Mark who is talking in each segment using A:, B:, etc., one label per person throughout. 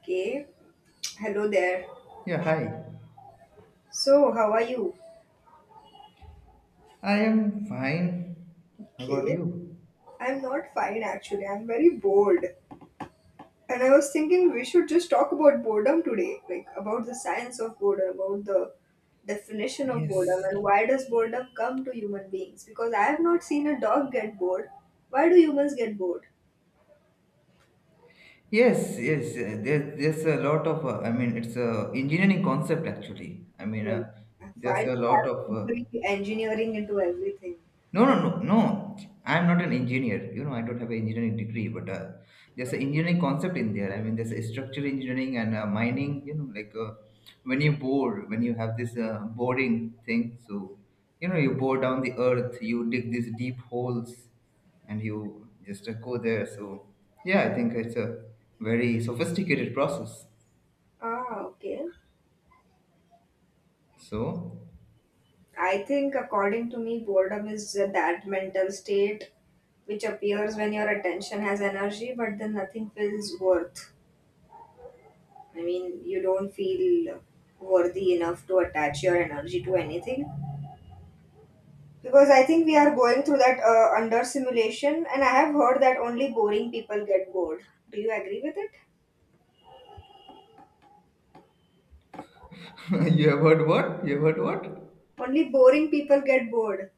A: Okay, hello there.
B: Yeah, hi.
A: So, how are you?
B: I am fine. How about
A: Okay,
B: you?
A: I'm not fine actually. I'm very bored. And I was thinking we should just talk about boredom today, like about the science of boredom, about the definition of boredom,
B: Yes.
A: and why does boredom come to human beings? Because I have not seen a dog get bored. Why do humans get bored?
B: Yes, there's a lot of, I mean, it's a engineering concept actually.
A: Why
B: There's
A: do we have
B: a lot of
A: to bring engineering into everything?
B: No, no, no, no. I'm not an engineer. You know, I don't have an engineering degree, but there's an engineering concept in there. I mean, there's a structural engineering and mining. You know, when you bore, when you have this boring thing, so you know, you bore down the earth, you dig these deep holes, and you just go there. So yeah, I think it's a very sophisticated process.
A: Ah, okay.
B: So
A: I think, according to me, boredom is that mental state which appears when your attention has energy, but then nothing feels worth. I mean, you don't feel worthy enough to attach your energy to anything. Because I think we are going through that under simulation, and I have heard that only boring people get bored. Do you agree with it?
B: you have heard what? You have heard what?
A: Only boring people get bored.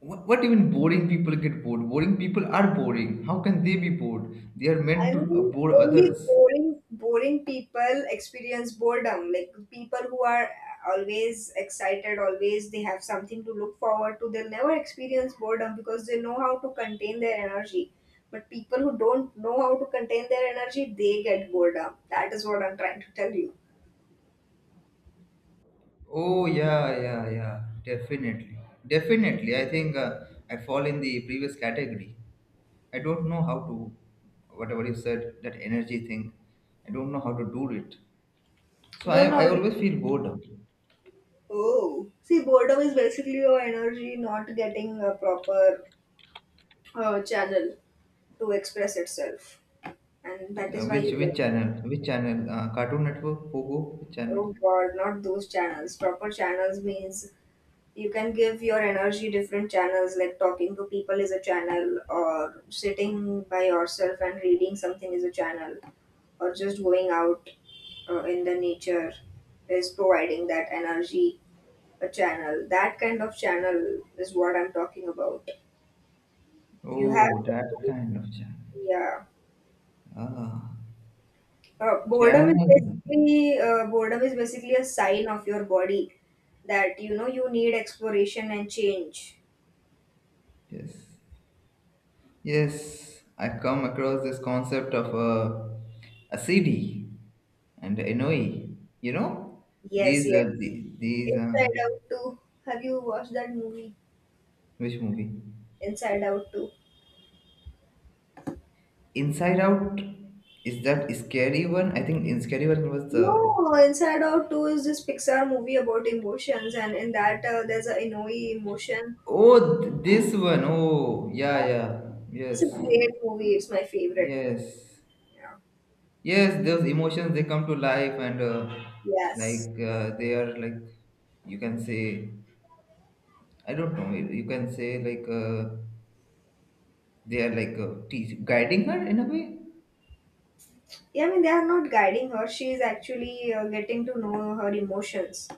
B: What, even boring people get bored? Boring people are boring. How can they be bored? They are meant
A: I
B: to
A: mean,
B: bore
A: only
B: others.
A: boring, boring people experience boredom. Like people who are always excited, always they have something to look forward to. They'll never experience boredom because they know how to contain their energy. But people who don't know how to contain their energy, they get boredom. That is what I'm trying to tell you.
B: Oh yeah, yeah, yeah. Definitely, definitely. I think I fall in the previous category. I don't know how to, whatever you said, that energy thing. I don't know how to do it.
A: You
B: So
A: don't know
B: I
A: how to.
B: always feel bored. Uh,
A: Oh, see, boredom is basically your energy not getting a proper channel to express itself, and that is why
B: which
A: you
B: which
A: get.
B: channel? Which channel? Cartoon Network, Pogo, which channel?
A: Oh God, not those channels. Proper channels means you can give your energy different channels, like talking to people is a channel, or sitting by yourself and reading something is a channel, or just going out in the nature is providing that energy, a channel. That kind of channel is what I'm talking about. You
B: Oh, that
A: have,
B: kind of channel.
A: yeah.
B: Ah, channel.
A: Boredom is basically a sign of your body that you know you need exploration and change.
B: Yes, yes, I come across this concept of a CD and NOE. You know,
A: Yes,
B: these
A: yes.
B: are the, these are
A: Inside Out 2. Have you watched that movie?
B: which movie?
A: Inside Out 2.
B: Inside Out, is that scary one? I think in scary one was the
A: No, Inside Out 2 is this Pixar movie about emotions, and in that there's a Inoi emotion.
B: oh th- this one. Oh yeah, yeah,
A: It's
B: yes,
A: a great movie. It's my favorite movie.
B: yes,
A: Yeah.
B: yes, those emotions they come to life and
A: Yes.
B: they are like you can say I don't know you can say like. They are like teach, guiding her in a way.
A: Yeah, I mean, they are not guiding her. She is actually getting to know her emotions.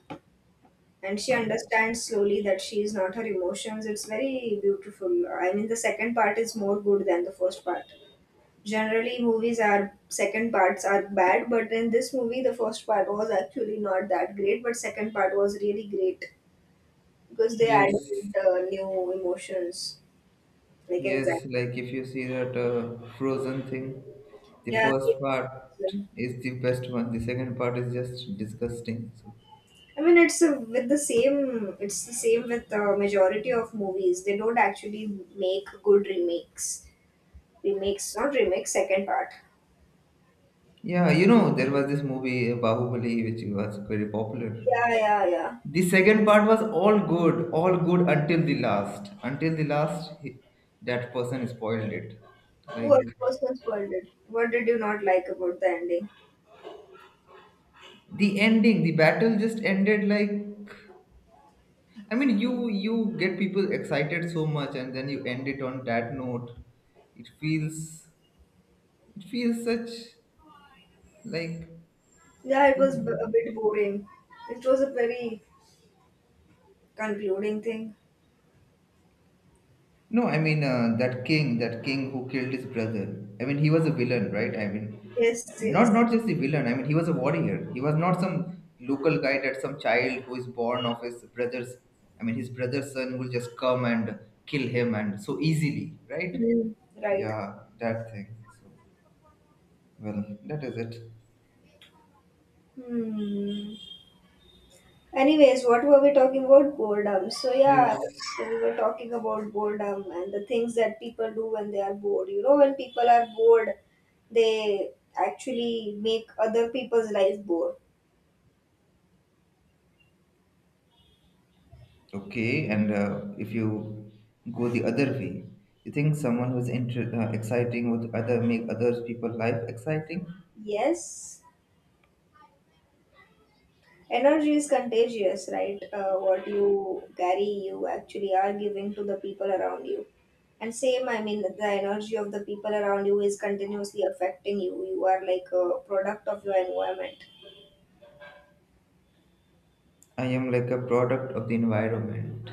A: And she
B: Uh,
A: understands slowly that she is not her emotions. It's very beautiful. I mean, the second part is more good than the first part. Generally movies are second parts are bad, but in this movie the first part was actually not that great, but second part was really great because they
B: yes,
A: added new emotions like
B: yes,
A: anxiety.
B: like if you see that frozen thing, the
A: Yeah,
B: first part
A: same.
B: is the best one, the second part is just disgusting. So
A: I mean, it's with the same. It's the same with the majority of movies. They don't actually make good remakes. Remakes, not remakes. Second part.
B: yeah, you know, there was this movie bahubali which was very popular.
A: Yeah, yeah, yeah.
B: The second part was all good, all good until the last, until the last he, that person spoiled it,
A: What
B: like
A: was not spoiled? What did you not like about the ending?
B: the ending, the battle just ended. Like I mean, you get people excited so much, and then you end it on that note. It feels, it feels such like
A: Yeah, it was a bit boring. It was a very concluding thing.
B: no. I mean, that king who killed his brother. I mean, he was a villain, right? I mean,
A: Yes,
B: not
A: yes.
B: not just a villain. I mean, he was a warrior. He was not some local guy that some child who is born of his brother's. I mean, his brother's son will just come and kill him and so easily, right?
A: Hmm. Right.
B: Yeah, that thing. So, well, that is it.
A: Hmm. Anyways, what were we talking about? Boredom. So yeah,
B: Yes.
A: so we were talking about boredom and the things that people do when they are bored. You know, when people are bored, they actually make other people's life bored.
B: Okay, and if you go the other way, you think someone who's inter- exciting would other make other people life exciting?
A: Yes. Energy is contagious, right? What you carry, you actually are giving to the people around you. And same, I mean, the energy of the people around you is continuously affecting you. You are like a product of your environment.
B: I am like a product of the environment.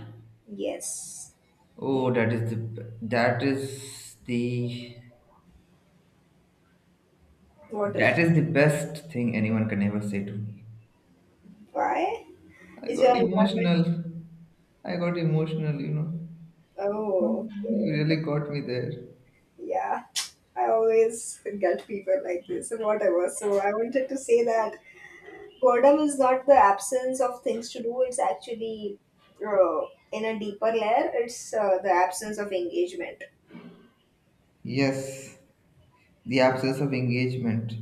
A: Yes.
B: Oh, that is the, that is the,
A: What
B: that
A: is
B: is the best thing anyone can ever say to me.
A: why?
B: I
A: Is your
B: got
A: environment?
B: emotional. I got emotional. You know,
A: Oh,
B: you
A: okay.
B: really got me there.
A: Yeah. I always get people like this, and whatever. So I wanted to say that boredom is not the absence of things to do, it's actually, uh, in a deeper layer, it's the absence of engagement.
B: Yes. The absence of engagement.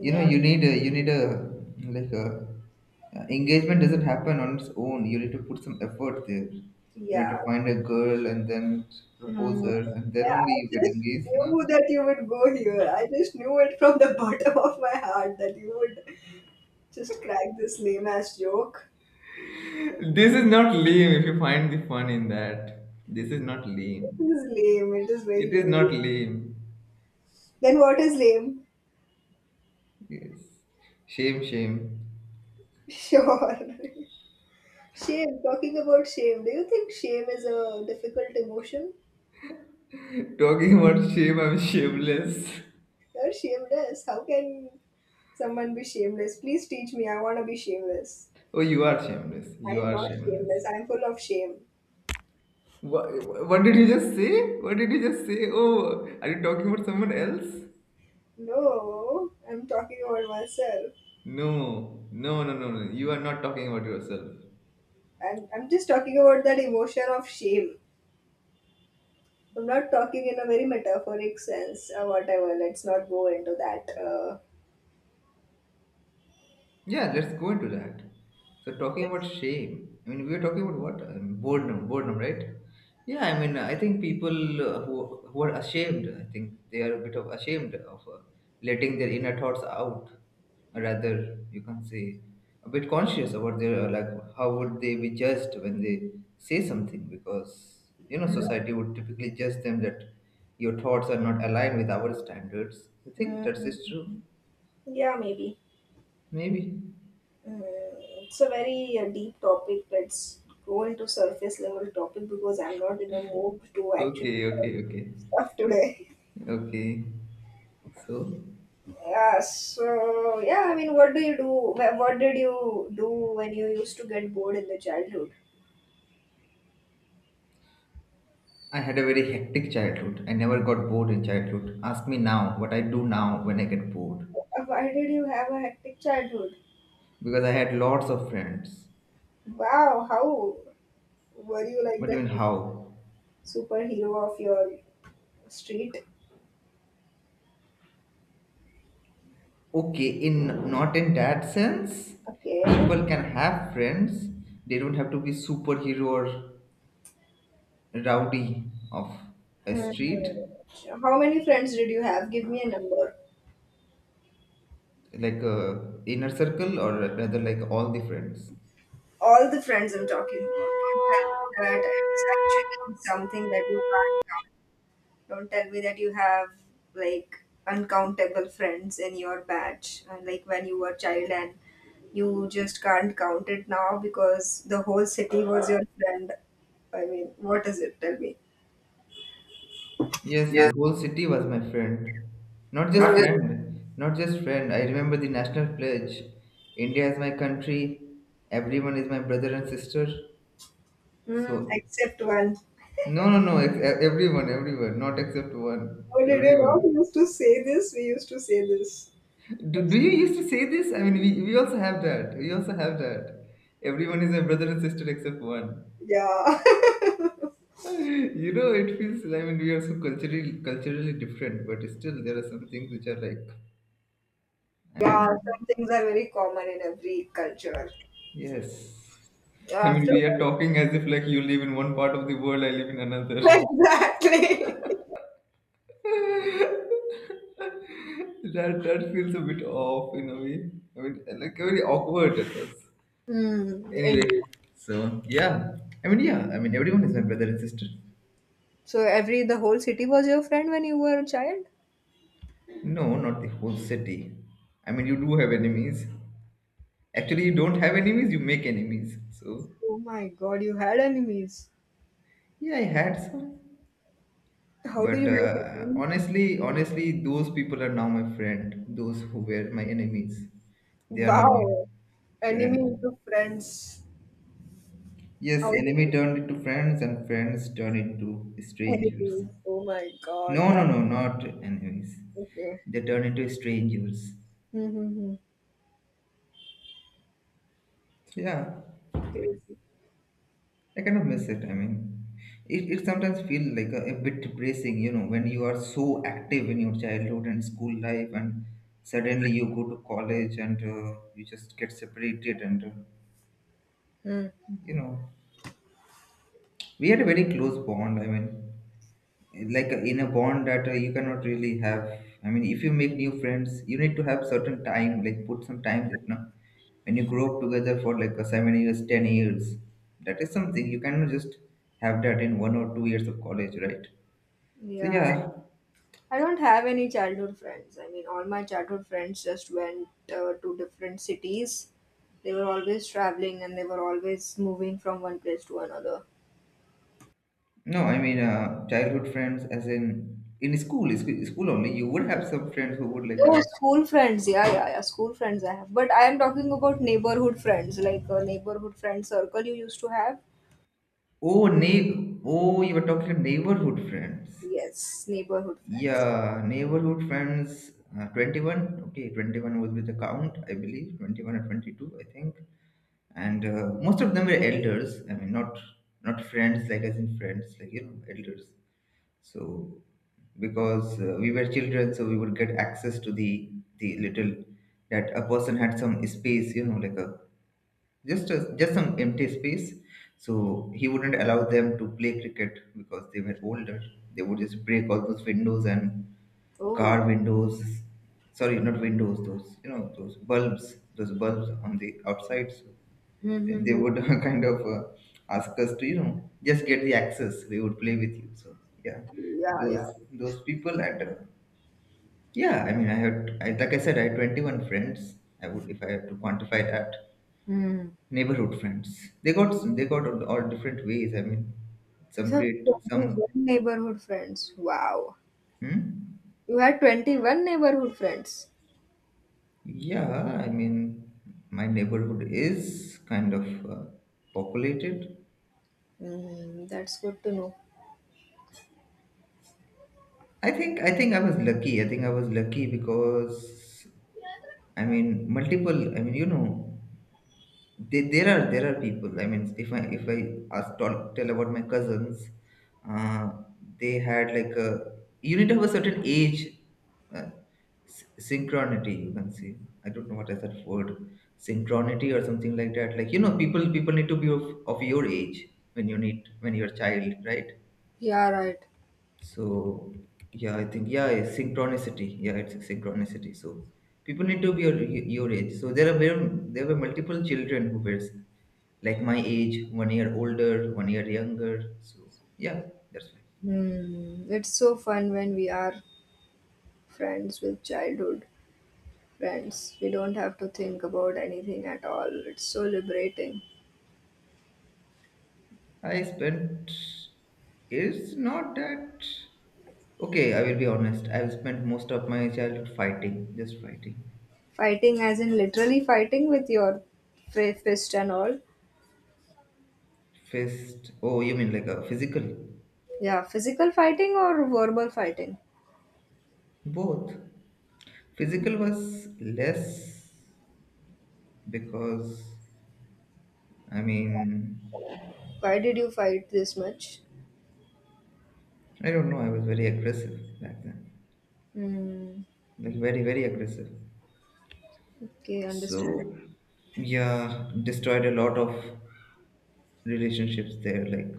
B: You know,
A: Yeah,
B: you need a, you need a, like a, engagement doesn't happen on its own, you need to put some effort there, you know, to
A: yeah.
B: find a girl and then propose
A: Mm,
B: her and then
A: yeah,
B: only
A: I
B: you get
A: just
B: engaged, no?
A: knew that you would go here, I just knew it from the bottom of my heart that you would just crack this lame ass joke.
B: This is not lame if you find the fun in that. This is not lame,
A: It is lame, it is very
B: it is
A: lame.
B: not lame.
A: Then what is lame?
B: Yes, shame, shame.
A: Sure. Shame, talking about shame, do you think shame is a difficult emotion?
B: Talking about shame, I'm shameless.
A: You're shameless, how can someone be shameless? Please teach me. I want to be shameless.
B: Oh, you are shameless,
A: I
B: you
A: am
B: are
A: not
B: shameless.
A: shameless. I am full of shame.
B: What, did you just say? What did you just say? Oh, are you talking about someone else?
A: No, I'm talking about myself.
B: No, no, no, no, no. You are not talking about yourself.
A: I'm just talking about that emotion of shame. I'm not talking in a very metaphoric sense or whatever. Let's not go into that.
B: Yeah, let's go into that. So talking about shame, I mean, we were talking about what, boredom, boredom, right? Yeah, I mean, I think people who are ashamed, I think they are a bit of ashamed of letting their inner thoughts out. Rather, you can say a bit conscious about their like how would they be judged when they say something, because you know
A: Mm.
B: society would typically judge them that your thoughts are not aligned with our standards. You think
A: Mm,
B: that's true?
A: yeah, maybe.
B: Maybe.
A: Mm, it's a very deep topic. Let's go into surface level topic because I'm not in a mood to actually
B: Okay,
A: talk
B: okay, okay.
A: stuff today.
B: Okay, so
A: Yeah, so yeah, I mean, what do you do? What did you do when you used to get bored in the childhood?
B: I had a very hectic childhood. I never got bored in childhood. Ask me now what I do now when I get bored.
A: Why did you have a hectic childhood?
B: Because I had lots of friends.
A: Wow, how were you like
B: But
A: the
B: even how?
A: superhero of your street?
B: Okay, in not in that sense,
A: Okay.
B: people can have friends. They don't have to be superhero or rowdy of a
A: Hmm.
B: street,
A: How many friends did you have? Give me a number.
B: like a inner circle or rather like all the friends.
A: All the friends I'm talking about. That is actually something that you. Don't tell me that you have like uncountable friends in your batch and like when you were a child and you just can't count it now because the whole city was your friend. I mean, what is it? Tell me.
B: Yes, the
A: Yes,
B: whole city was my friend. Not
A: not Oh,
B: just
A: it.
B: friend, not just friend. I remember the national pledge. India is my country. Everyone is my brother and sister.
A: Mm,
B: So,
A: except one.
B: no, no, no. Everyone, everyone. Not except one.
A: Oh, did you not
B: Everyone.
A: used to say this? We used to say this.
B: Do you used to say this? I mean, we also have that. We also have that. Everyone is my brother and sister except one.
A: Yeah.
B: You know, it feels, I mean, we are so culturally, culturally different, but still there are some things which are like, I
A: Yeah,
B: mean,
A: some things are very common in every culture.
B: Yes. I mean,
A: After
B: we are
A: all,
B: talking as if like you live in one part of the world, I live in another.
A: exactly.
B: That that feels a bit off in a way. I mean, like very awkward at first.
A: Mm,
B: Anyway,
A: indeed.
B: so yeah. I mean, yeah. I mean, everyone is my brother and sister.
A: So every the whole city was your friend when you were a child?
B: No, not the whole city. I mean, you do have enemies. Actually, you don't have enemies. You make enemies. So
A: Oh my god, you had enemies.
B: yeah, I had some.
A: How do
B: But
A: you make enemies?
B: honestly, honestly, those people are now my friend. Those who were my enemies, they are now my
A: Wow, enemy
B: friend.
A: into friends. How
B: Yes,
A: do
B: enemy
A: you
B: turned into friends, and friends turned into
A: make
B: strangers.
A: enemies? Oh my god,
B: No, no,
A: that's
B: no, not enemies.
A: okay.
B: They turn into strangers.
A: Mm-hmm.
B: Yeah,
A: Crazy.
B: I kind of miss it. I mean, it sometimes feels like a bit depressing, you know, when you are so active in your childhood and school life, and suddenly you go to college and you just get separated, and
A: Hmm.
B: you know, we had a very close bond. I mean, like in a bond that you cannot really have. I mean, if you make new friends you need to have certain time, like put some time, you know, when you grow up together for like 7 years, 10 years, that is something you cannot just have that in 1 or 2 years of college, right? So
A: Yeah,
B: yeah.
A: I don't have any childhood friends. I mean, all my childhood friends just went to different cities. They were always traveling and they were always moving from one place to another.
B: No, I mean, childhood friends as in school school only you would have some friends who would like
A: Oh, school friends. Yeah, yeah, yeah. School friends I have. But I am talking about neighborhood friends, like a neighborhood friend circle you used to have.
B: oh neigh- oh you were talking neighborhood friends.
A: Yes, neighborhood friends.
B: Yeah, neighborhood friends. 21. Okay, 21 was with the count, I believe. 21 or 22, I think. And most of them were elders. I mean, not not friends, like as in friends, like, you know, elders. So because we were children, so we would get access to the little that a person had some space, you know, like a, just some empty space. So he wouldn't allow them to play cricket because they were older. They would just break all those windows and
A: Oh.
B: car windows, sorry not windows, those you know, those bulbs, those bulbs on the outside. So they
A: Mm-hmm.
B: would kind of ask us to, you know, just get the access, we would play with you. So yeah,
A: Yeah, yeah.
B: those people and yeah, I mean, like I said, I had 21 friends, I would, if I had to quantify that,
A: Mm.
B: neighborhood friends. They got, they got all different ways. I mean,
A: You
B: some
A: have
B: create some,
A: 21 neighborhood friends. Wow.
B: hmm?
A: You had 21 neighborhood friends.
B: Yeah, I mean, my neighborhood is kind of populated.
A: Mm, that's good to know.
B: I think, I think I was lucky. I think I was lucky because I mean, multiple. I mean, you know. There are, there are people. I mean, if I ask, talk tell about my cousins, uh, they had like a, you need to have a certain age, uh, synchronity. You can see. I don't know what is that word, synchronity or something like that. Like you know, people need to be of your age when you need when you're a child, right?
A: Yeah, right.
B: So yeah, I think yeah, it's synchronicity. Yeah, it's synchronicity. So people need to be your age. So there are there, there were multiple children who were like my age, 1 year older, 1 year younger. So yeah, that's why
A: Hmm, it's so fun when we are friends with childhood friends. We don't have to think about anything at all. It's so liberating.
B: I spent. It's not that. Okay, I will be honest. I've spent most of my childhood fighting, just fighting.
A: Fighting, as in literally fighting with your fist and all.
B: Fist. Oh, you mean like a physical?
A: Yeah, physical fighting or verbal fighting?
B: Both. Physical was less because I mean
A: Why did you fight this much?
B: I don't know. I was very aggressive back then,
A: Hmm.
B: like very very aggressive.
A: Okay, understand.
B: So yeah, destroyed a lot of relationships there, like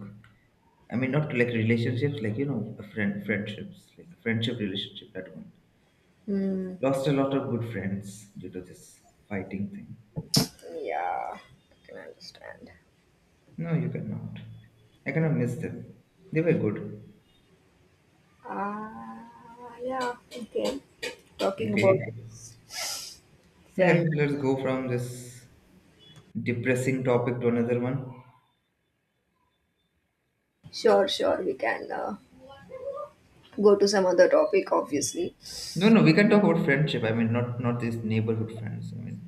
B: I mean not like relationships, like friend friendships, like friendship relationship, that one.
A: Hmm.
B: Lost a lot of good friends due to this fighting thing.
A: Yeah, I can understand.
B: No, you cannot. I kind of miss them. They were good.
A: Ah, yeah. Okay. Talking about
B: Okay, yeah,
A: friend.
B: let's go from this depressing topic to another one.
A: Sure, sure. We can go to some other topic, obviously.
B: No, no, we can talk about friendship. I mean, not these neighborhood friends, I mean,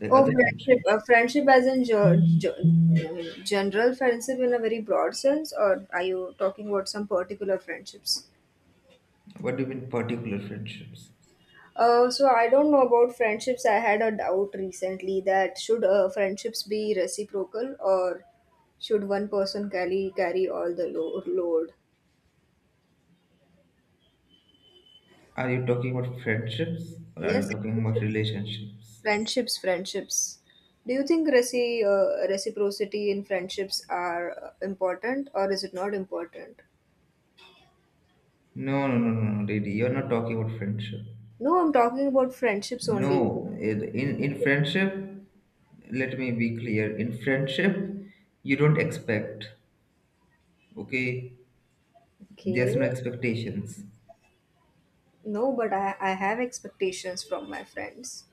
B: like
A: Oh,
B: other friendship.
A: friendship. Friendship as in general friendship in a very broad sense, or are you talking about some particular friendships?
B: What do you mean particular friendships?
A: So I don't know about friendships. I had a doubt recently that should friendships be reciprocal or should one person carry all the load?
B: Are you talking about friendships or are
A: Yes,
B: you talking about
A: friendships,
B: relationships?
A: friendships, friendships. Do you think reciprocity in friendships are important or is it not important?
B: No, no, no, no, no, lady. You're not talking about friendship.
A: No, I'm talking about friendships only.
B: No, in friendship, let me be clear. In friendship, you don't expect. Okay, there's
A: Okay.
B: no expectations.
A: No, but I have expectations from my friends.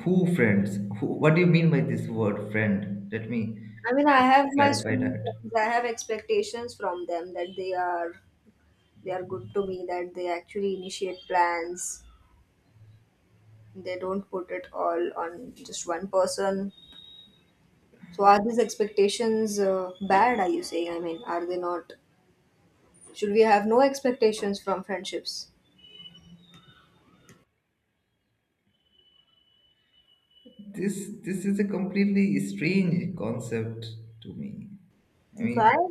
B: Who friends? Who? What do you mean by this word friend? Let me
A: I mean, I
B: first
A: have my
B: clarify
A: school
B: that.
A: friends. I have expectations from them that they are, they are good to me, that they actually initiate plans. They don't put it all on just one person. So are these expectations bad, are you saying? I mean, are they not? Should we have no expectations from friendships?
B: This this is a completely strange concept to me. I mean,
A: Why?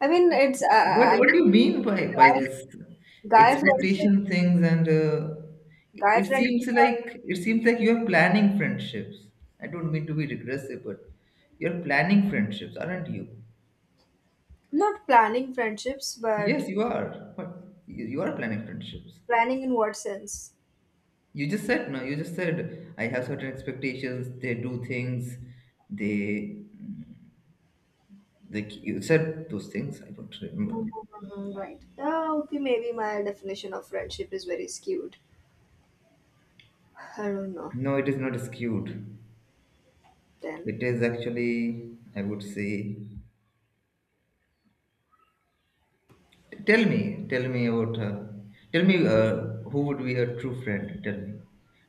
A: I mean, it's
B: What
A: I,
B: what do you mean by
A: guy,
B: this
A: guy friendship.
B: expectation things, and it
A: Guy
B: it
A: friendships
B: seems
A: are.
B: like it seems like you are planning friendships. I don't mean to be regressive, but you're planning friendships, aren't you?
A: Not planning friendships, but
B: Yes, you are. But you are planning friendships.
A: planning in what sense?
B: You just said no. You just said I have certain expectations. They do things. They, like you said those things. I don't remember.
A: Mhm, right. Yeah, okay, maybe my definition of friendship is very skewed. I don't know.
B: No, it is not skewed.
A: Then
B: It is actually, I would say, tell me, tell me about her. Tell me, who would be a true friend. Tell me,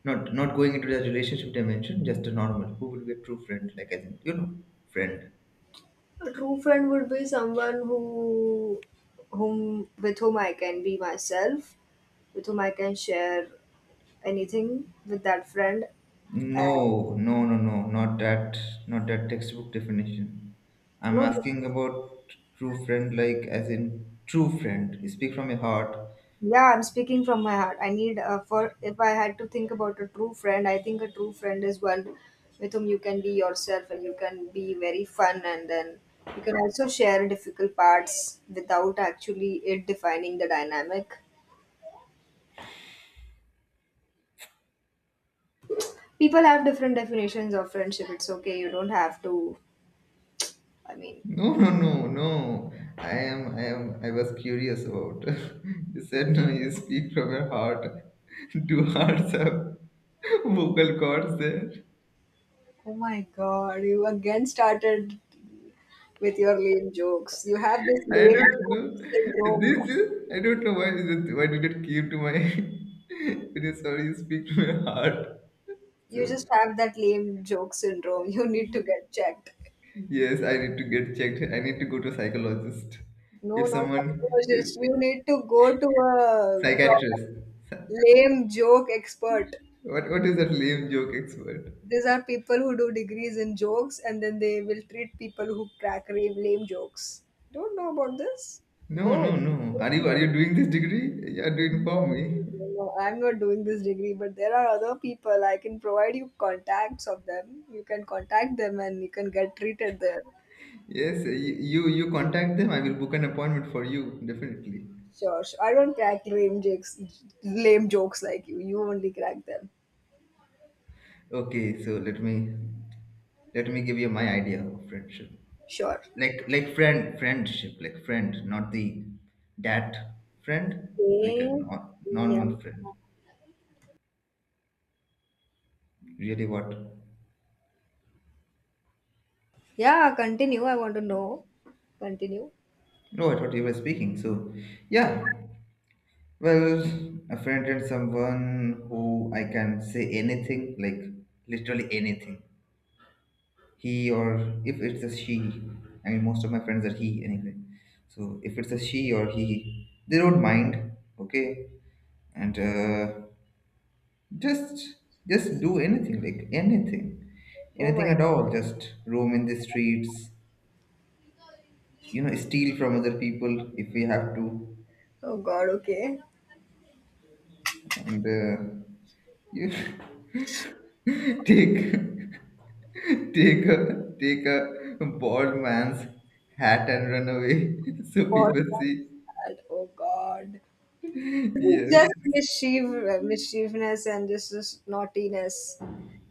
B: not going into the relationship dimension, just a normal. Who would be a true friend? Like as in, friend.
A: a true friend would be someone who, whom with whom I can be myself, with whom I can share anything with that friend. Uh,
B: No, no, no, no, not that, not that textbook definition. I'm
A: no,
B: asking about true friend, like as in true friend. Speak from your heart.
A: yeah, I'm speaking from my heart. I need, for if I had to think about a true friend, I think a true friend is one with whom you can be yourself and you can be very fun, and then you can also share difficult parts without actually it defining the dynamic. People have different definitions of friendship. It's okay. You don't have to. I mean,
B: No, no, no, no. I was curious about. You said no, you speak from your heart. Do hearts have vocal cords there?
A: oh my god, you again started with your lame jokes. You have this
B: I
A: lame
B: don't
A: joke
B: know.
A: syndrome.
B: This is, I don't know why is it, why did it came to my. It is sorry, you speak from your heart. So,
A: You just have that lame joke syndrome. You need to get checked.
B: yes, I need to get checked. I need to go to psychologist.
A: No,
B: If
A: not
B: someone, if,
A: psychologist. You need to go to a proper
B: psychiatrist.
A: lame joke expert.
B: What is that lame joke expert?
A: These are people who do degrees in jokes, and then they will treat people who crack lame, lame jokes. Don't know about this?
B: No,
A: Go.
B: no, no. Are you doing this degree? You are doing for
A: No,
B: me.
A: no, I'm not doing this degree, but there are other people. I can provide you contacts of them. You can contact them and you can get treated there.
B: Yes, you contact them. I will book an appointment for you definitely.
A: Sure, sure. I don't crack lame jokes like you. You only crack them.
B: Okay, so let me give you my idea of friendship.
A: Sure.
B: Like friend friendship, like friend, not the dat friend, like
A: Okay.
B: a
A: Yeah.
B: normal friend. Really, what?
A: Yeah. Continue. I want to know. Continue.
B: No, I thought you were speaking. So, yeah. Well, a friend and someone who I can say anything, like literally anything. He or if it's a she, I mean most of my friends are he anyway, so if it's a she or he, they don't mind. Okay, and just just do anything, like anything,
A: Oh
B: anything
A: my.
B: at all. Just roam in the streets, steal from other people if we have to.
A: Oh God. Okay.
B: And you take take a take a bald man's hat and run away so people
A: Podcast.
B: see.
A: And Oh God. Just
B: Yes.
A: mischief, mischievousness, and just this naughtiness.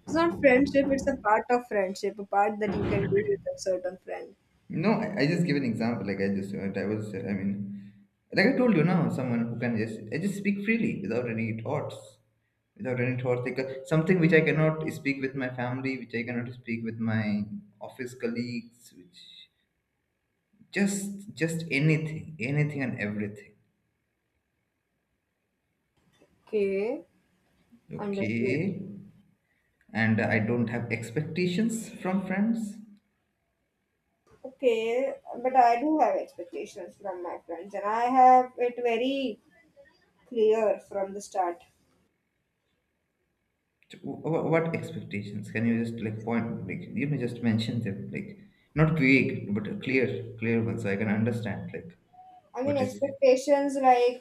A: It's not friendship. It's a part of friendship. A part that you can do with a certain friend.
B: No, I just give an example. Like I just, I was, I mean, like I told you now, someone who can just, I just speak freely without any thoughts, without any thoughts. Like something which I cannot speak with my family, which I cannot speak with my office colleagues, which just anything, anything and everything.
A: Okay. Understood.
B: Okay, and I don't have expectations from friends.
A: Okay, but I do have expectations from my friends, and I have it very clear from the start.
B: What expectations? Can you just like point, like, just mention them, like not vague but clear, clear one, so I can understand like
A: I mean,
B: what is.
A: expectations like,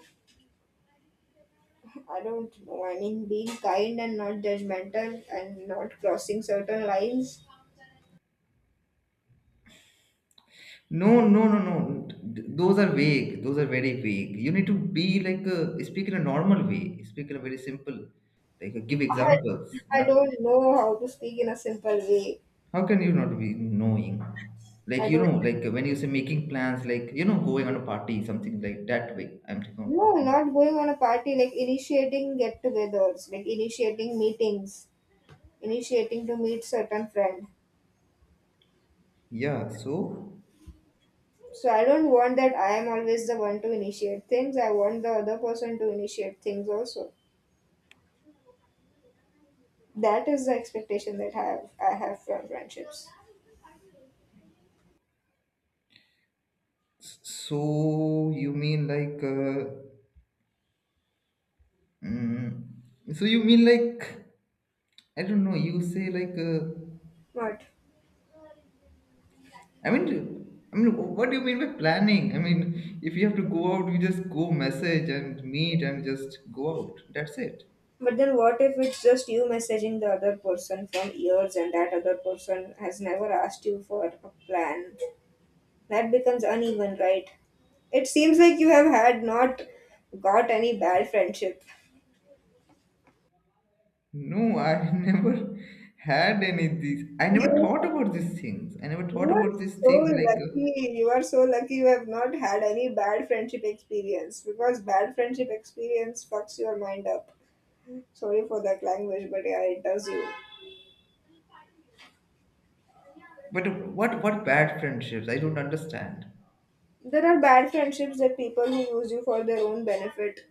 A: I don't know, I mean, being kind and not judgmental and not crossing certain lines.
B: No, no, no, no. Those are vague. Those are very vague. You need to be like a, speak in a normal way. Speak in a very simple, like give
A: I,
B: examples.
A: I
B: Not like-
A: don't know how to speak in a simple way.
B: how can you not be knowing? Like,
A: I don't,
B: like when you say making plans, like, going on a party, something like that way. I'm talking.
A: no,
B: talking.
A: not going on a party, like initiating get togethers, like initiating meetings, initiating to meet certain friend.
B: Yeah. So.
A: So I don't want that I am always the one to initiate things. I want the other person to initiate things also. That is the expectation that I have from friendships.
B: So you mean like, mm, so you mean like, I don't know. You say like,
A: But
B: I mean, what do you mean by planning? I mean, if you have to go out, you just go message and meet and just go out. That's it.
A: but then what if it's just you messaging the other person from years and that other person has never asked you for a plan? That becomes uneven, right? It seems like you have had not got any bad friendship.
B: No, I never had any of these. I never
A: You
B: thought about these things. I never thought
A: You are
B: about these
A: so
B: things like,
A: lucky. You are so lucky you have not had any bad friendship experience because bad friendship experience fucks your mind up. Sorry for that language, but yeah, it does you.
B: but what bad friendships? I don't understand.
A: There are bad friendships that people who use you for their own benefit.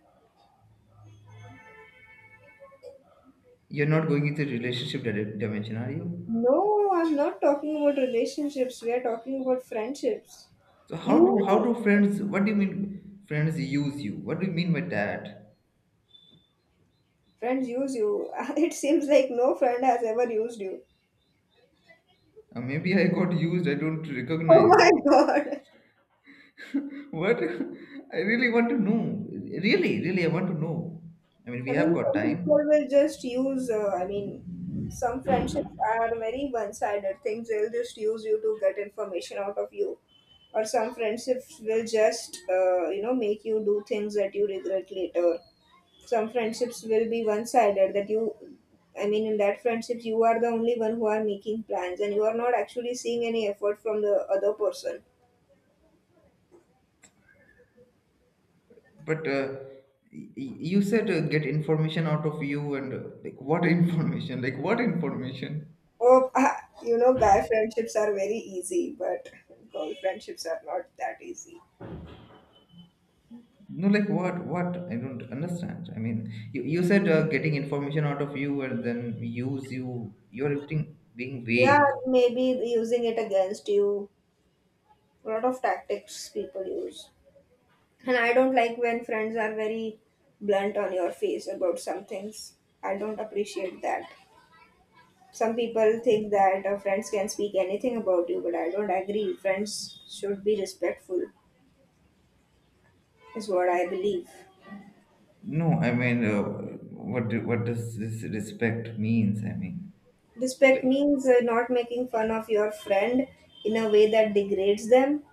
B: You're not going into relationship dimension, are you?
A: No, I'm not talking about relationships. We are talking about friendships.
B: So how do how
A: You
B: do friends? What do you mean friends use you? What do you mean by that?
A: friends use you. It seems like no friend has ever used you.
B: Maybe I got used. I don't
A: Oh
B: recognize.
A: my god.
B: What? I really want to know. Really, really, I want to know. I mean,
A: I
B: we have
A: mean,
B: got
A: some people
B: time,
A: will just use, I mean, some friendships are very one sided things. They'll just use you to get information out of you. Or some friendships will just, you know, make you do things that you regret later. Some friendships will be one sided that you, I mean, in that friendship, you are the only one who are making plans and you are not actually seeing any effort from the other person.
B: but you said get information out of you, and like what information? Like what information?
A: Oh, you know, guy friendships are very easy, but girl friendships are not that easy.
B: No, like what? What? I don't understand. I mean, you said getting information out of you and then use you. You're being
A: Yeah,
B: vague.
A: maybe using it against you. A lot of tactics people use. And I don't like when friends are very blunt on your face about some things. I don't appreciate that. Some people think that friends can speak anything about you, but I don't agree. Friends should be respectful, is what I believe.
B: No, I mean, what do, what does this respect means? I mean,
A: Respect
B: like,
A: means not making fun of your friend in a way that degrades them.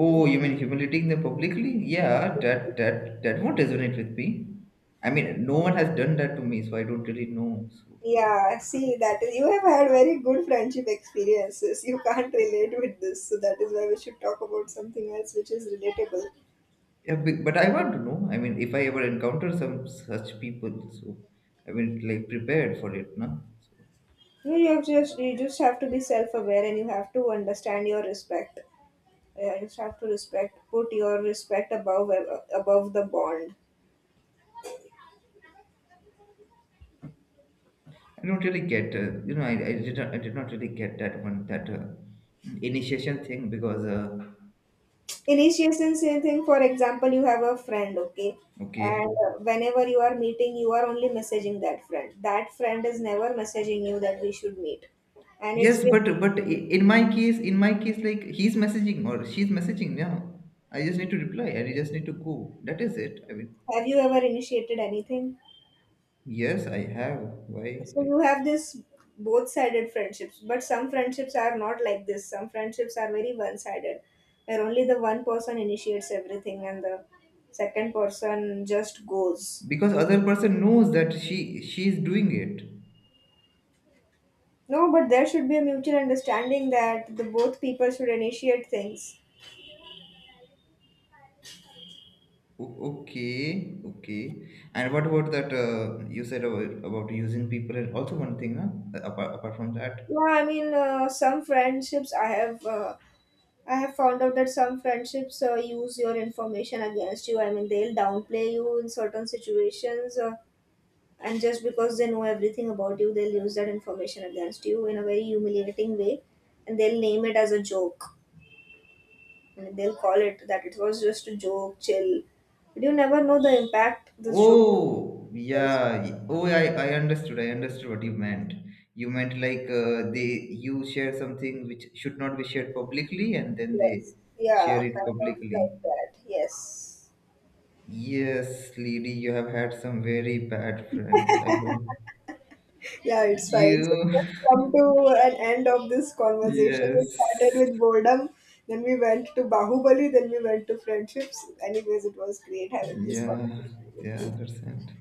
B: oh, you mean humiliating them publicly? Yeah, that won't resonate with me. I mean, no one has done that to me, so I don't really know. So,
A: Yeah, see that is you have had very good friendship experiences. You can't relate with this, so that is why we should talk about something else which is relatable.
B: yeah, but I want to know. I mean, if I ever encounter some such people, so I mean, like prepared for it, no? So,
A: You have just you just have to be self-aware and you have to understand your respect. Yeah, you just have to respect, put your respect above the bond.
B: I don't really get, I did not really get that one that initiation thing because
A: Initiation, same thing. For example, you have a friend, okay,
B: okay.
A: and whenever you are meeting, you are only messaging that friend. That friend is never messaging you that we should meet and it's
B: Yes,
A: been.
B: but in my case, like he's messaging or she's messaging now. I just need to reply. I just need to go. That is it. I mean,
A: Have you ever initiated anything?
B: yes, I have. Why?
A: So
B: Like
A: you have this both sided friendships, but some friendships are not like this. Some friendships are very one sided, where only the one person initiates everything and the second person just goes.
B: because other person knows that she's doing it.
A: No, but there should be a mutual understanding that the both people should initiate things.
B: Okay, okay. And what about that? You said about using people, and also one thing, huh? Apart from that.
A: Yeah, I mean, some friendships I have found out that some friendships use your information against you. I mean, they'll downplay you in certain situations. And just because they know everything about you they'll use that information against you in a very humiliating way and they'll name it as a joke and they'll call it that it was just a joke chill but you never know the impact this joke
B: Oh,
A: was.
B: yeah. Oh, I understood. I understood what you meant. You meant like they you share something which should not be shared publicly, and then they
A: Yes, yeah,
B: share it
A: kind of
B: publicly.
A: like that, yes.
B: Yes, lady, you have had some very bad friends. I don't.
A: Yeah, it's fine. So
B: You.
A: we have come to an end of this conversation. We started
B: Yes.
A: with boredom, then we went to Bahubali, then we went to friendships. Anyways, it was great having this
B: Yeah.
A: conversation with
B: Yeah. I
A: you.
B: understand.